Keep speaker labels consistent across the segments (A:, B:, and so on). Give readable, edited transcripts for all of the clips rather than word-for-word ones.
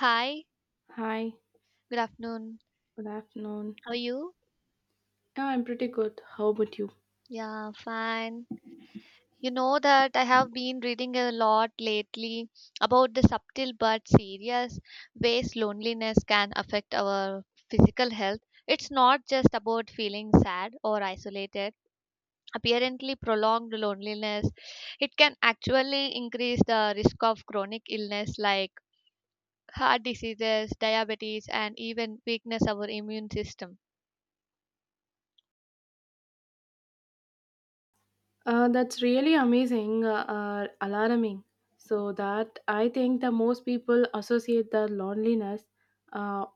A: Hi,
B: Hi,
A: good afternoon.
B: good afternoon.
A: How are you?
B: Yeah, I'm pretty good. How about you?
A: Yeah, fine. You know that I have been reading a lot lately about the subtle but serious ways loneliness can affect our physical health. It's not just about feeling sad or isolated. Apparently, prolonged loneliness, it can actually increase the risk of chronic illness like heart diseases, diabetes, and even weakness of our immune system.
B: That's really amazing, alarming. So that I think the most people associate the loneliness uh,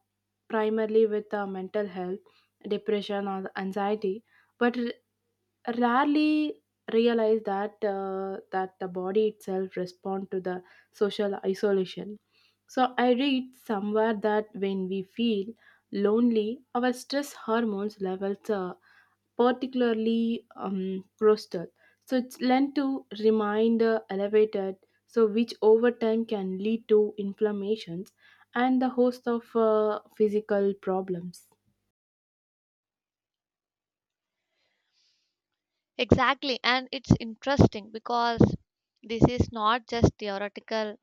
B: primarily with mental health, depression, or anxiety, but rarely realize that the body itself respond to the social isolation. So I read somewhere that when we feel lonely, our stress hormones levels particularly roasted. So it's lent to remain elevated, so which over time can lead to inflammations and the host of physical problems.
A: Exactly, and it's interesting because this is not just theoretical.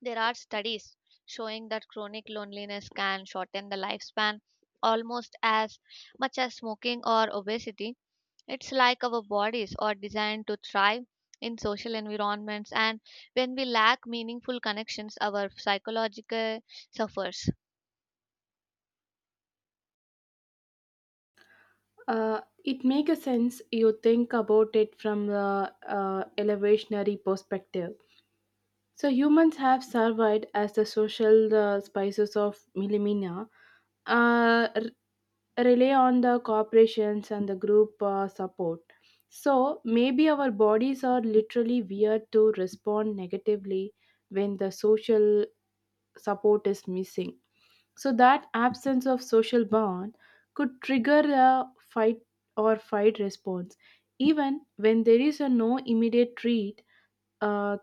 A: There are studies showing that chronic loneliness can shorten the lifespan almost as much as smoking or obesity. It's like our bodies are designed to thrive in social environments, and when we lack meaningful connections, our psychological suffers.
B: It makes a sense you think about it from the elevationary perspective. So humans have survived as the social spices of millimina, rely on the corporations and the group support. So maybe our bodies are literally weird to respond negatively when the social support is missing. So that absence of social bond could trigger a fight or fight response. Even when there is a no immediate treat, uh,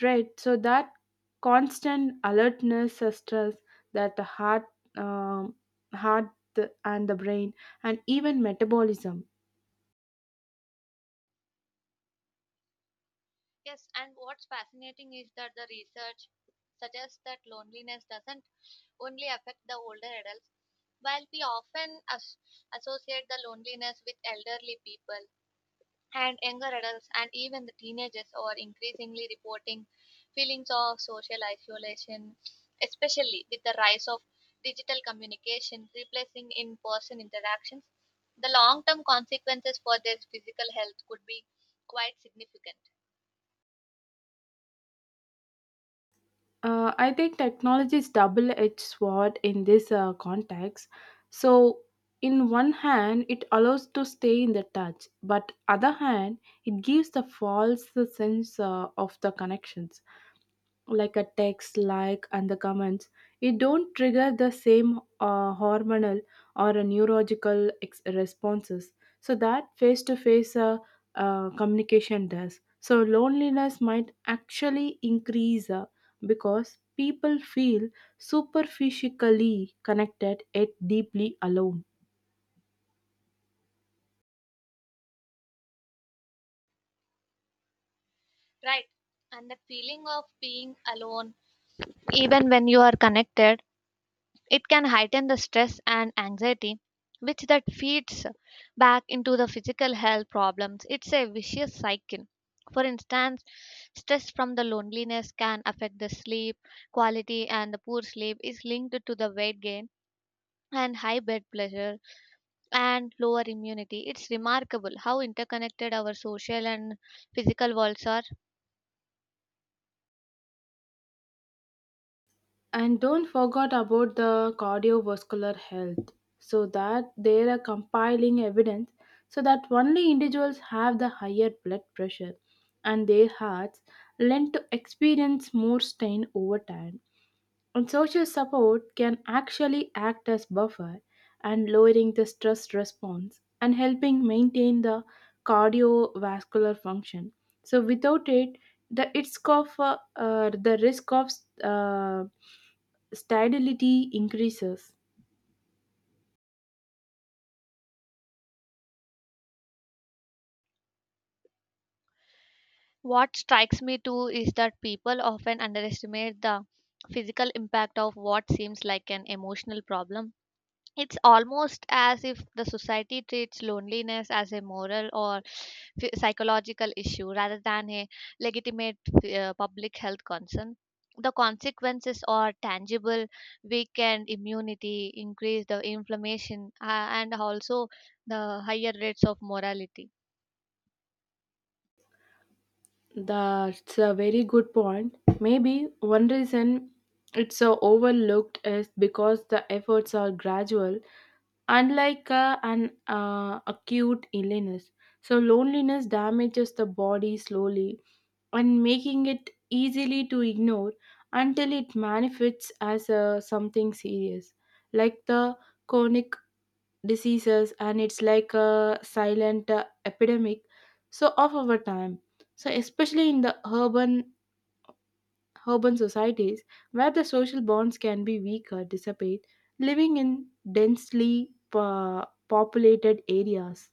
B: right. So that constant alertness stress that the heart, um, heart and the brain, and even metabolism.
A: Yes, and what's fascinating is that the research suggests that loneliness doesn't only affect the older adults. While we often associate the loneliness with elderly people and younger adults, and even the teenagers are increasingly reporting feelings of social isolation, especially with the rise of digital communication replacing in person interactions. The long term consequences for their physical health could be quite significant.
B: I think technology is double-edged sword in this context. So, in one hand, it allows to stay in the touch, but other hand, it gives the false sense of the connections like a text like and the comments it don't trigger the same hormonal or a neurological responses so that face to face communication does so loneliness might actually increase because people feel superficially connected yet deeply alone.
A: Right. And the feeling of being alone, even when you are connected, it can heighten the stress and anxiety, which that feeds back into the physical health problems. It's a vicious cycle. For instance, stress from the loneliness can affect the sleep quality, and the poor sleep is linked to the weight gain and high blood pressure and lower immunity. It's remarkable how interconnected our social and physical worlds are.
B: And don't forget about the cardiovascular health. So that they are compiling evidence so that only individuals have the higher blood pressure and their hearts lend to experience more strain over time. And social support can actually act as buffer and lowering the stress response and helping maintain the cardiovascular function. So without it, the it's of the risk of uh, sterility increases.
A: What strikes me too is that people often underestimate the physical impact of what seems like an emotional problem. It's almost as if the society treats loneliness as a moral or psychological issue rather than a legitimate public health concern. The consequences are tangible: weakened immunity, increased the inflammation, and also the higher rates of morality.
B: That's a very good point. Maybe one reason it's overlooked is because the efforts are gradual, unlike an acute illness. So, loneliness damages the body slowly and making it easily to ignore until it manifests as something serious, like the chronic diseases, and it's like a silent epidemic so of our time, so especially in the urban societies where the social bonds can be weaker dissipate living in densely populated areas.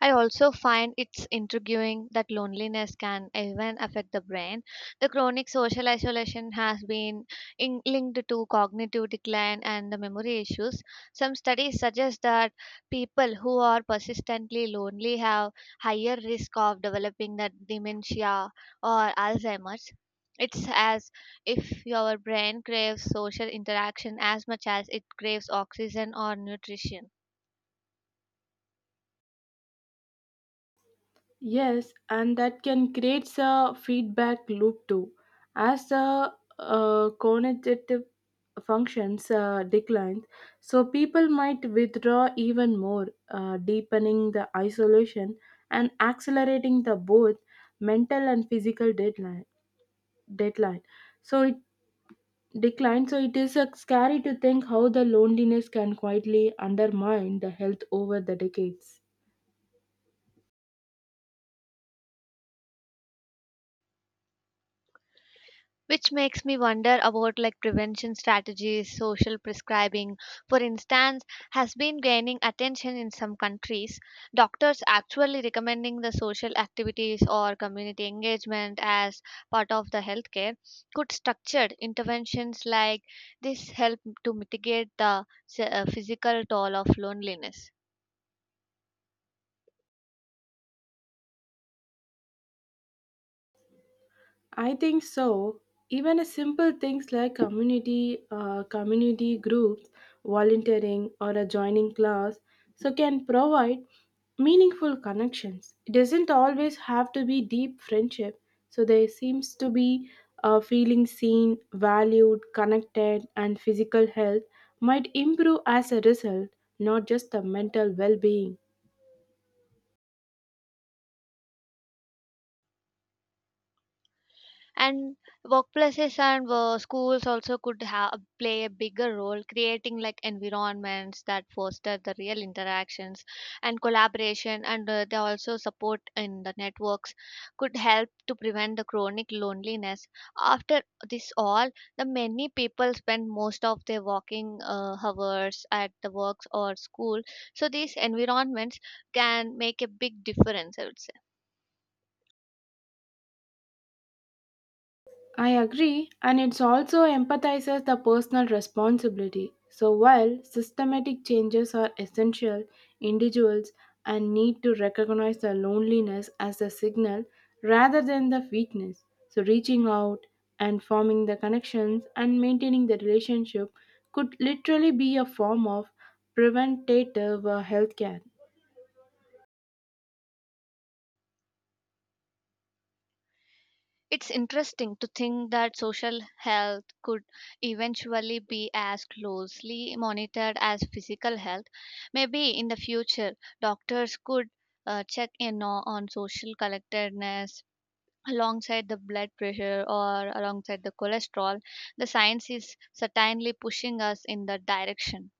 A: I also find it's intriguing that loneliness can even affect the brain. The chronic social isolation has been linked to cognitive decline and the memory issues. Some studies suggest that people who are persistently lonely have higher risk of developing the dementia or Alzheimer's. It's as if your brain craves social interaction as much as it craves oxygen or nutrition.
B: Yes, and that can create a feedback loop too. As the cognitive functions decline, so people might withdraw even more, deepening the isolation and accelerating the both mental and physical deadline. Deadline. So it decline. So it is scary to think how the loneliness can quietly undermine the health over the decades.
A: Which makes me wonder about like prevention strategies. Social prescribing, for instance, has been gaining attention in some countries, doctors actually recommending the social activities or community engagement as part of the healthcare. Could structured interventions like this help to mitigate the physical toll of loneliness?
B: I think so. Even a simple things like community community groups, volunteering, or a joining class, so can provide meaningful connections. It doesn't always have to be deep friendship. So there seems to be a feeling seen, valued, connected, and physical health might improve as a result, not just the mental well-being.
A: And workplaces and schools also could have play a bigger role creating like environments that foster the real interactions and collaboration, and they also support in the networks could help to prevent the chronic loneliness. After this all, the many people spend most of their working hours at the works or school, so these environments can make a big difference, I would say.
B: I agree, and it also empathizes the personal responsibility. So, while systematic changes are essential, individuals and need to recognize the loneliness as a signal rather than the weakness. So, reaching out and forming the connections and maintaining the relationship could literally be a form of preventative health care.
A: It's interesting to think that social health could eventually be as closely monitored as physical health. Maybe in the future, doctors could check in on social collectedness alongside the blood pressure or alongside the cholesterol. The science is certainly pushing us in that direction.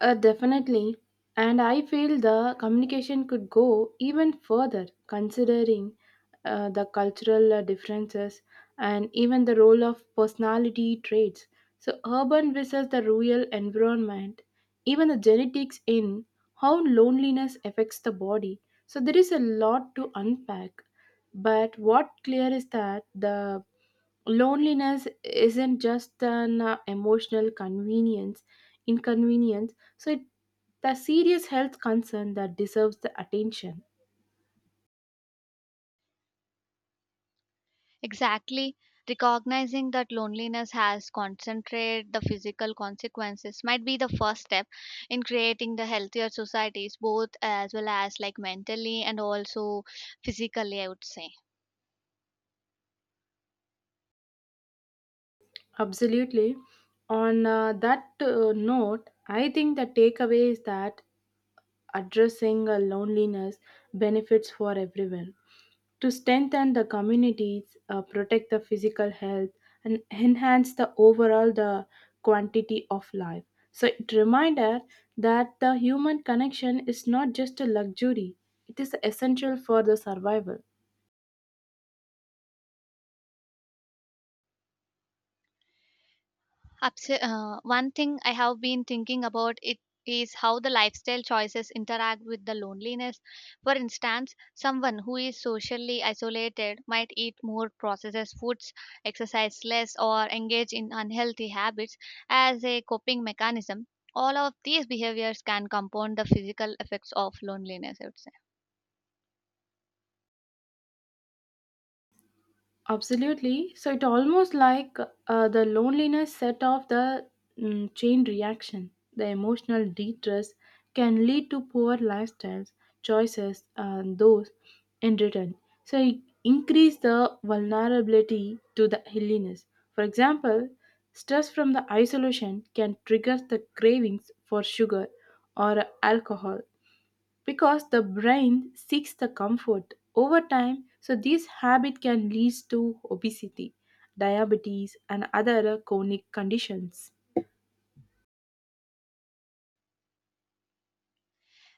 B: Definitely. And I feel the communication could go even further, considering the cultural differences and even the role of personality traits. So, urban versus the rural environment, even the genetics in how loneliness affects the body. So, there is a lot to unpack. But what clear is that the loneliness isn't just an emotional convenience inconvenience so it the serious health concern that deserves the attention.
A: Exactly. Recognizing that loneliness has concentrated the physical consequences might be the first step in creating the healthier societies, both as well as like mentally and also physically, I would say.
B: Absolutely, on that note, I think the takeaway is that addressing loneliness benefits for everyone to strengthen the communities, protect the physical health, and enhance the overall the quantity of life. So it reminder that the human connection is not just a luxury; it is essential for the survival.
A: One thing I have been thinking about it is how the lifestyle choices interact with the loneliness. For instance, someone who is socially isolated might eat more processed foods, exercise less, or engage in unhealthy habits as a coping mechanism. All of these behaviors can compound the physical effects of loneliness, I would say.
B: Absolutely. So it almost like the loneliness set off the chain reaction. The emotional distress can lead to poor lifestyles, choices, and those in return. So it increase the vulnerability to the illness. For example, stress from the isolation can trigger the cravings for sugar or alcohol because the brain seeks the comfort over time, so this habit can lead to obesity, diabetes, and other chronic conditions.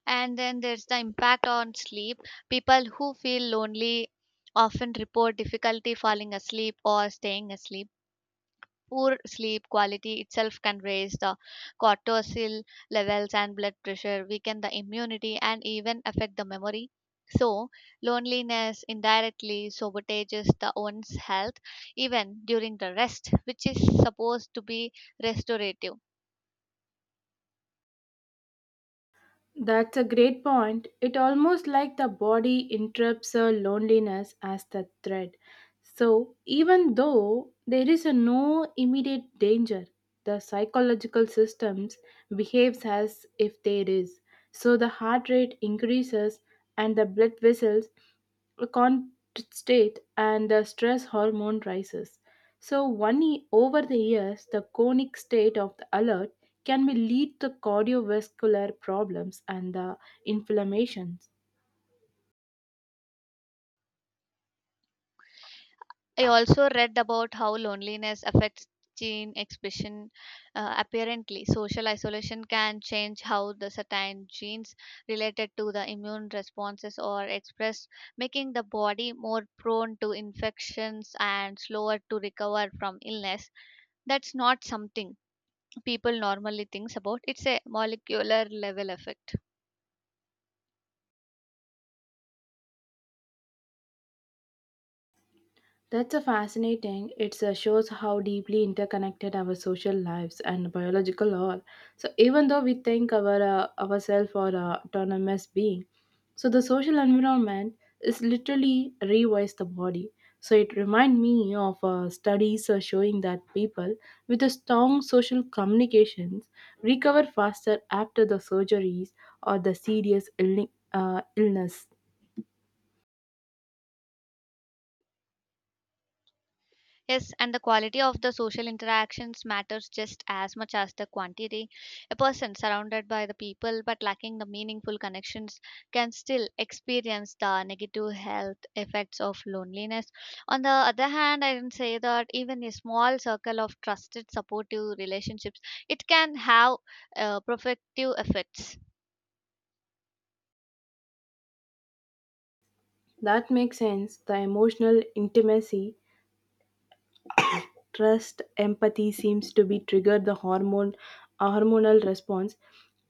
A: And then there's the impact on sleep. People who feel lonely often report difficulty falling asleep or staying asleep. Poor sleep quality itself can raise the cortisol levels and blood pressure, weaken the immunity, and even affect the memory. So, loneliness indirectly sabotages the one's health even during the rest, which is supposed to be restorative.
B: That's a great point. It almost like the body interrupts a loneliness as the threat, so even though there is a no immediate danger, the psychological systems behaves as if there is, so the heart rate increases and the blood vessels constate and the stress hormone rises. So one over the years, the chronic state of the alert can be lead to cardiovascular problems and the inflammations.
A: I also read about how loneliness affects gene expression, apparently. Social isolation can change how the certain genes related to the immune responses are expressed, making the body more prone to infections and slower to recover from illness. That's not something people normally thinks about. It's a molecular level effect.
B: That's a fascinating. It shows how deeply interconnected our social lives and biological are. So even though we think our ourselves are autonomous being, so the social environment is literally rewires the body. So it reminds me of studies showing that people with a strong social communications recover faster after the surgeries or the serious illness.
A: Yes, and the quality of the social interactions matters just as much as the quantity. A person surrounded by the people but lacking the meaningful connections can still experience the negative health effects of loneliness. On the other hand, I can say that even a small circle of trusted supportive relationships, it can have protective effects.
B: That makes sense. The emotional intimacy trust empathy seems to be triggered the hormone a hormonal response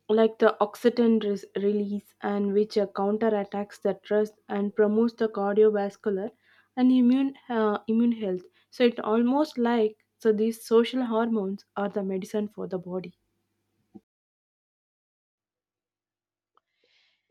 B: like the oxytocin release and which counterattacks the trust and promotes the cardiovascular and immune health, so it almost like so these social hormones are the medicine for the body.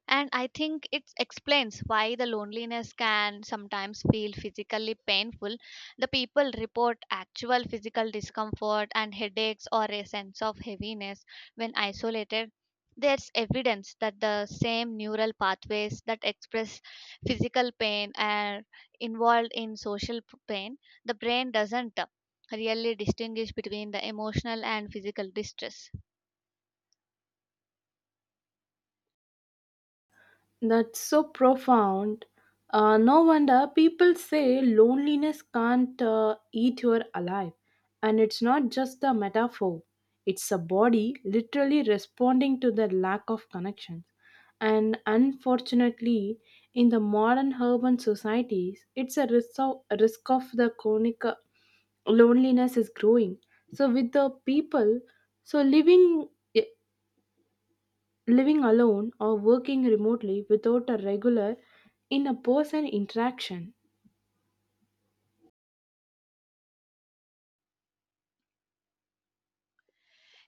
A: And I think it explains why the loneliness can sometimes feel physically painful. The people report actual physical discomfort and headaches or a sense of heaviness when isolated. There's evidence that the same neural pathways that express physical pain are involved in social pain. The brain doesn't really distinguish between the emotional and physical distress.
B: That's so profound. No wonder people say loneliness can't eat you alive. And it's not just a metaphor, it's a body literally responding to the lack of connection. And unfortunately, in the modern urban societies, it's a risk of the chronic loneliness is growing. So, with the people, so living alone or working remotely without a regular in a person interaction.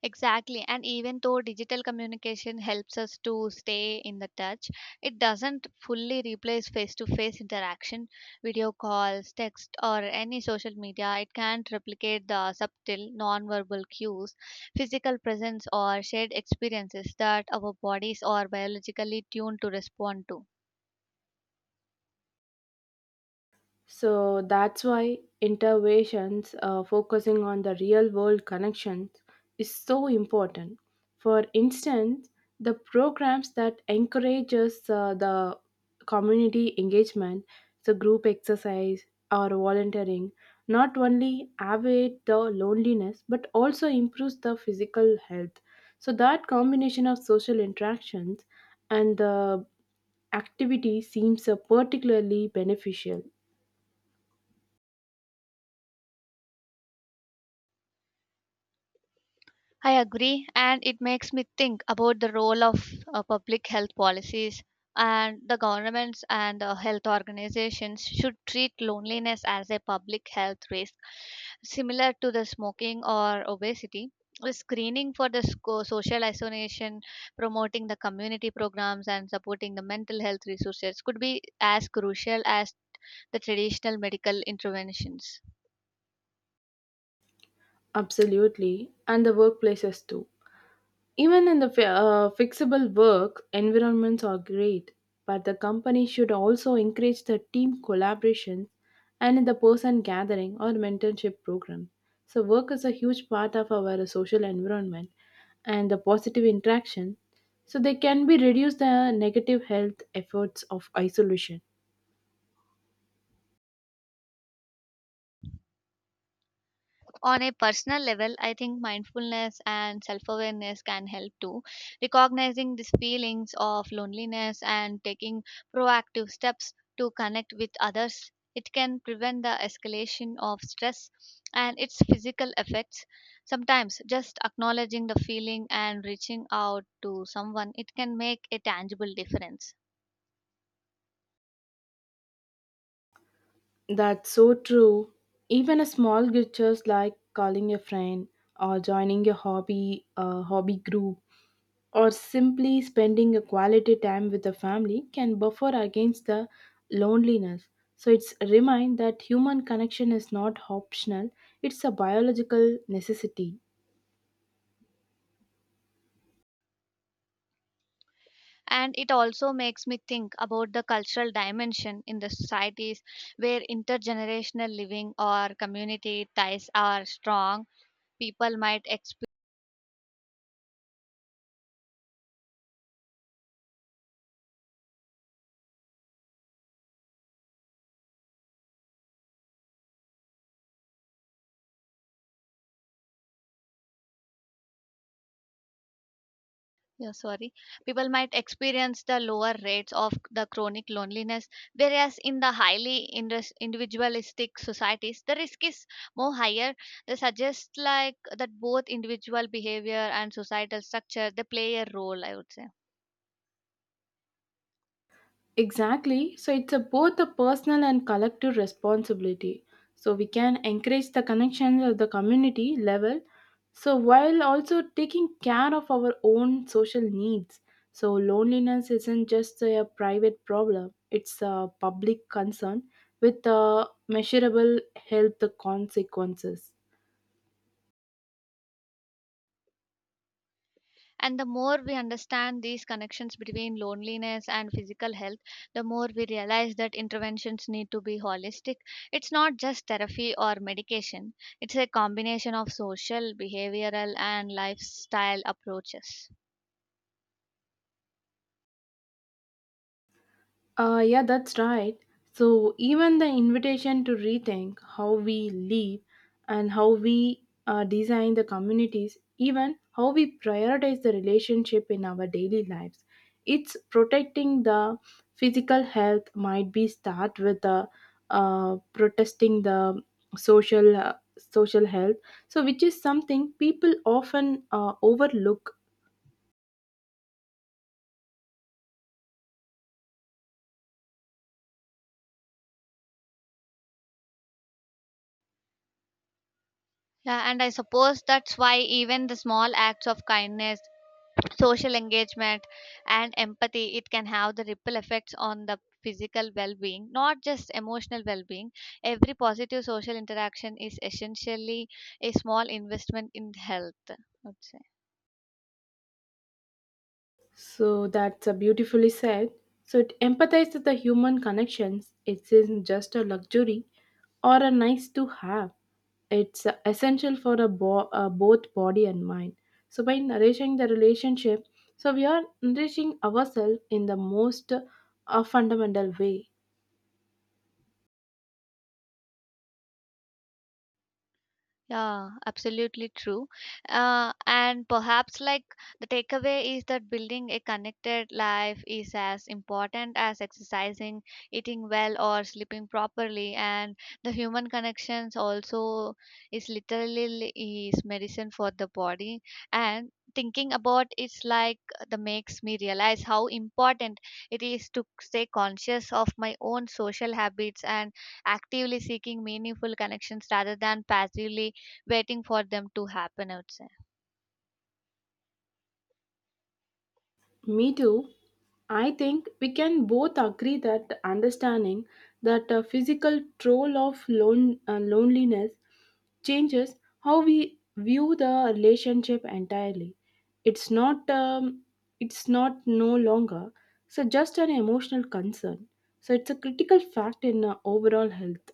A: Exactly. And even though digital communication helps us to stay in the touch, it doesn't fully replace face to face interaction, video calls, text, or any social media. It can't replicate the subtle nonverbal cues, physical presence, or shared experiences that our bodies are biologically tuned to respond to.
B: So that's why interventions focusing on the real world connections is so important. For instance, the programs that encourages the community engagement, so group exercise or volunteering, not only alleviate the loneliness but also improves the physical health. So that combination of social interactions and the activity seems particularly beneficial.
A: I agree, and it makes me think about the role of public health policies, and the governments and the health organizations should treat loneliness as a public health risk similar to the smoking or obesity. The screening for the social isolation, promoting the community programs, and supporting the mental health resources could be as crucial as the traditional medical interventions.
B: Absolutely, and the workplaces too. Even in the fixable work, environments are great, but the company should also encourage the team collaboration and in the person gathering or mentorship program. So, work is a huge part of our social environment and the positive interaction, so they can be reduce the negative health efforts of isolation.
A: On a personal level, I think mindfulness and self awareness can help too. Recognizing these feelings of loneliness and taking proactive steps to connect with others, it can prevent the escalation of stress and its physical effects. Sometimes just acknowledging the feeling and reaching out to someone, it can make a tangible difference.
B: That's so true. Even a small gestures like calling a friend or joining a hobby group or simply spending a quality time with the family can buffer against the loneliness. So it's a remind that human connection is not optional, it's a biological necessity.
A: And it also makes me think about the cultural dimension in the societies where intergenerational living or community ties are strong, people might exp- yeah, sorry people might experience the lower rates of the chronic loneliness, whereas in the highly individualistic societies the risk is more higher. They suggest like that both individual behavior and societal structure they play a role, I would say.
B: Exactly. So it's a both a personal and collective responsibility. So we can encourage the connections at the community level. So while also taking care of our own social needs. So loneliness isn't just a private problem. It's a public concern with measurable health consequences.
A: And the more we understand these connections between loneliness and physical health, the more we realize that interventions need to be holistic. It's not just therapy or medication, it's a combination of social, behavioral, and lifestyle approaches.
B: Yeah, that's right. So, even the invitation to rethink how we live and how we design the communities, even how we prioritize the relationship in our daily lives, it's protecting the physical health might be start with the protesting the social uh, social health, so which is something people often overlook.
A: Yeah, and I suppose that's why even the small acts of kindness, social engagement, and empathy, it can have the ripple effects on the physical well-being, not just emotional well-being. Every positive social interaction is essentially a small investment in health, I would say.
B: So that's a beautifully said. So it empathizes the human connections. It isn't just a luxury or a nice to have. It's essential for a both body and mind. So by nourishing the relationship, so we are nourishing ourselves in the most fundamental way.
A: Yeah, absolutely true. And perhaps like the takeaway is that building a connected life is as important as exercising, eating well, or sleeping properly. And the human connections also is literally is medicine for the body. And thinking about it's like the makes me realize how important it is to stay conscious of my own social habits and actively seeking meaningful connections rather than passively waiting for them to happen, I would say.
B: Me too. I think we can both agree that understanding that a physical toll of loneliness changes how we view the relationship entirely. It's not um, it's not no longer so just an emotional concern, so it's a critical fact in overall health.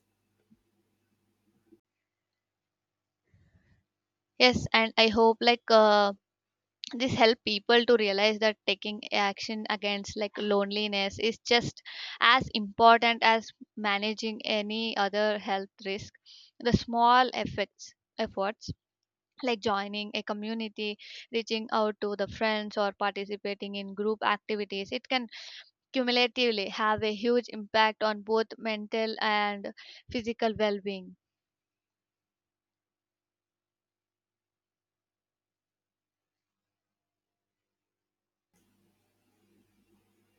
A: Yes, and I hope like this help people to realize that taking action against like loneliness is just as important as managing any other health risk. The small effects efforts like joining a community, reaching out to the friends, or participating in group activities, it can cumulatively have a huge impact on both mental and physical well-being.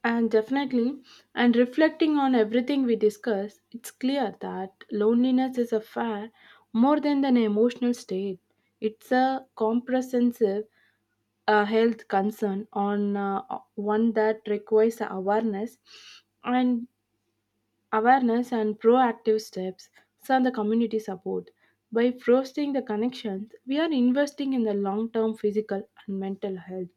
B: And definitely, and reflecting on everything we discuss it's clear that loneliness is a fair more than an emotional state. It's a comprehensive health concern on one that requires and Awareness and proactive steps from the community support. By fostering the connections, we are investing in the long term physical and mental health.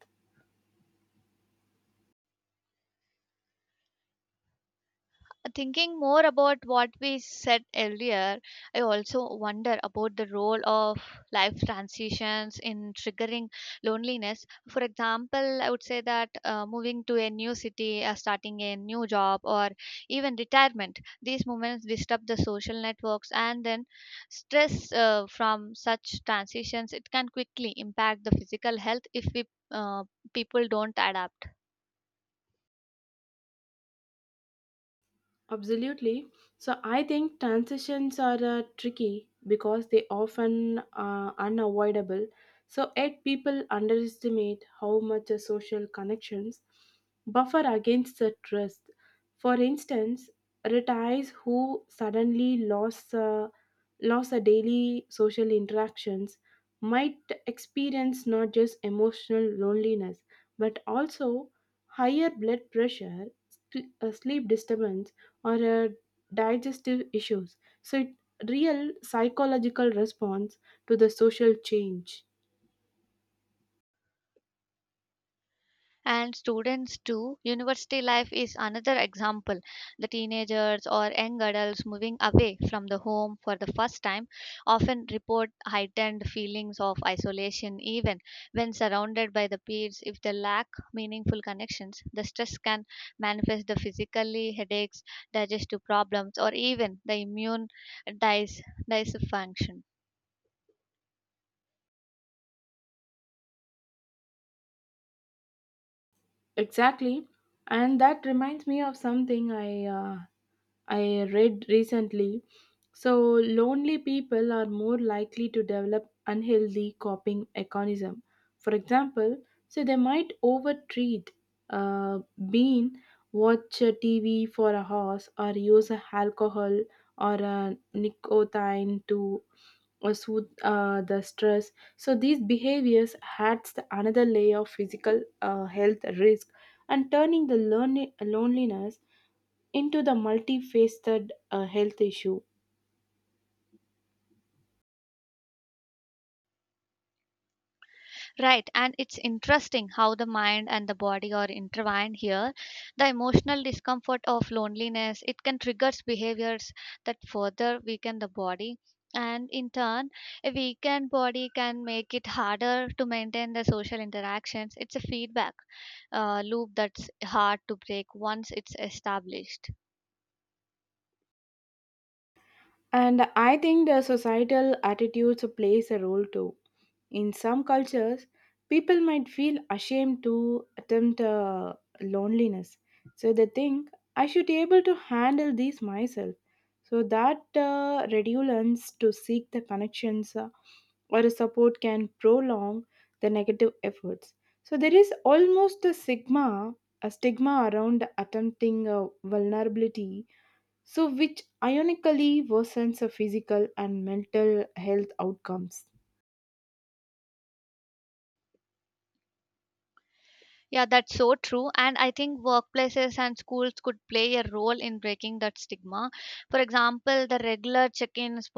A: Thinking more about what we said earlier, I also wonder about the role of life transitions in triggering loneliness. For example, I would say that moving to a new city, starting a new job, or even retirement, these moments disrupt the social networks, and then stress from such transitions it can quickly impact the physical health if we uh, people don't adapt.
B: Absolutely. So I think transitions are tricky because they often unavoidable. So yet people underestimate how much a social connections buffer against the trust. For instance, retirees who suddenly lost a daily social interactions might experience not just emotional loneliness but also higher blood pressure, sleep disturbance or digestive issues. So, it real psychological response to the social change.
A: And students too. University life is another example. The teenagers or young adults moving away from the home for the first time often report heightened feelings of isolation, even when surrounded by the peers. If they lack meaningful connections, the stress can manifest the physically headaches, digestive problems, or even the immune dys- dysfunction.
B: Exactly, and that reminds me of something I read recently. So lonely people are more likely to develop unhealthy coping mechanism. For example, so they might overtreat, uh, bean, watch a TV for a horse, or use a alcohol or a nicotine to soothe the stress. So these behaviors adds another layer of physical health risk and turning the loneliness into the multifaceted health issue.
A: Right, and it's interesting how the mind and the body are intertwined here. The emotional discomfort of loneliness, it can trigger behaviors that further weaken the body. And in turn, a weakened body can make it harder to maintain the social interactions. It's a feedback loop that's hard to break once it's established.
B: And I think the societal attitudes plays a role too. In some cultures, people might feel ashamed to attempt loneliness, so they think I should be able to handle this myself. So that reluctance to seek the connections or a support can prolong the negative efforts. So there is almost a stigma around attempting a vulnerability, so which ironically worsens the physical and mental health outcomes.
A: Yeah, that's so true. And I think workplaces and schools could play a role in breaking that stigma. For example, the regular check ins,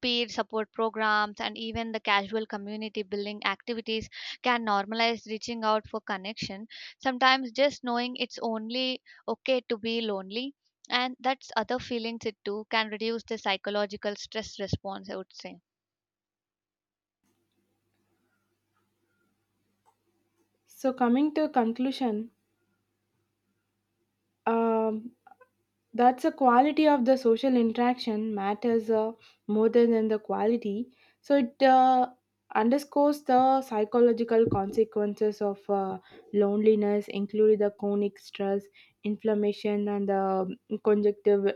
A: peer support programs, and even the casual community building activities can normalize reaching out for connection. Sometimes just knowing it's only okay to be lonely and that's other feelings it too can reduce the psychological stress response, I would say.
B: So coming to conclusion, Um, that's the quality of the social interaction matters more than the quality. So it underscores the psychological consequences of loneliness, including the chronic stress, inflammation, and the conjunctive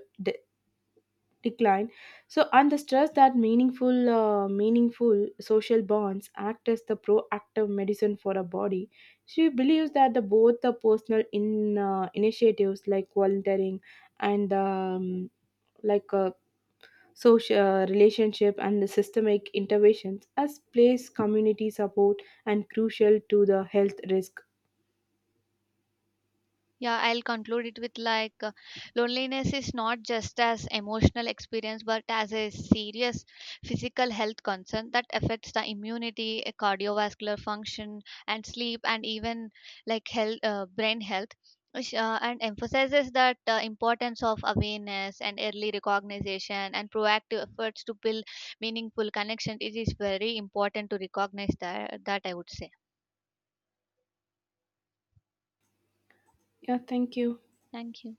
B: decline, so and the stress that meaningful social bonds act as the proactive medicine for a body. She believes that the both the personal in initiatives like volunteering and like social relationship and the systemic interventions as place community support and crucial to the health risk.
A: Yeah, I'll conclude it with like loneliness is not just as emotional experience but as a serious physical health concern that affects the immunity, cardiovascular function and sleep and even like health brain health which, and emphasizes that importance of awareness and early recognition and proactive efforts to build meaningful connection. It is very important to recognize that that I would say.
B: Yeah, thank you.
A: Thank you.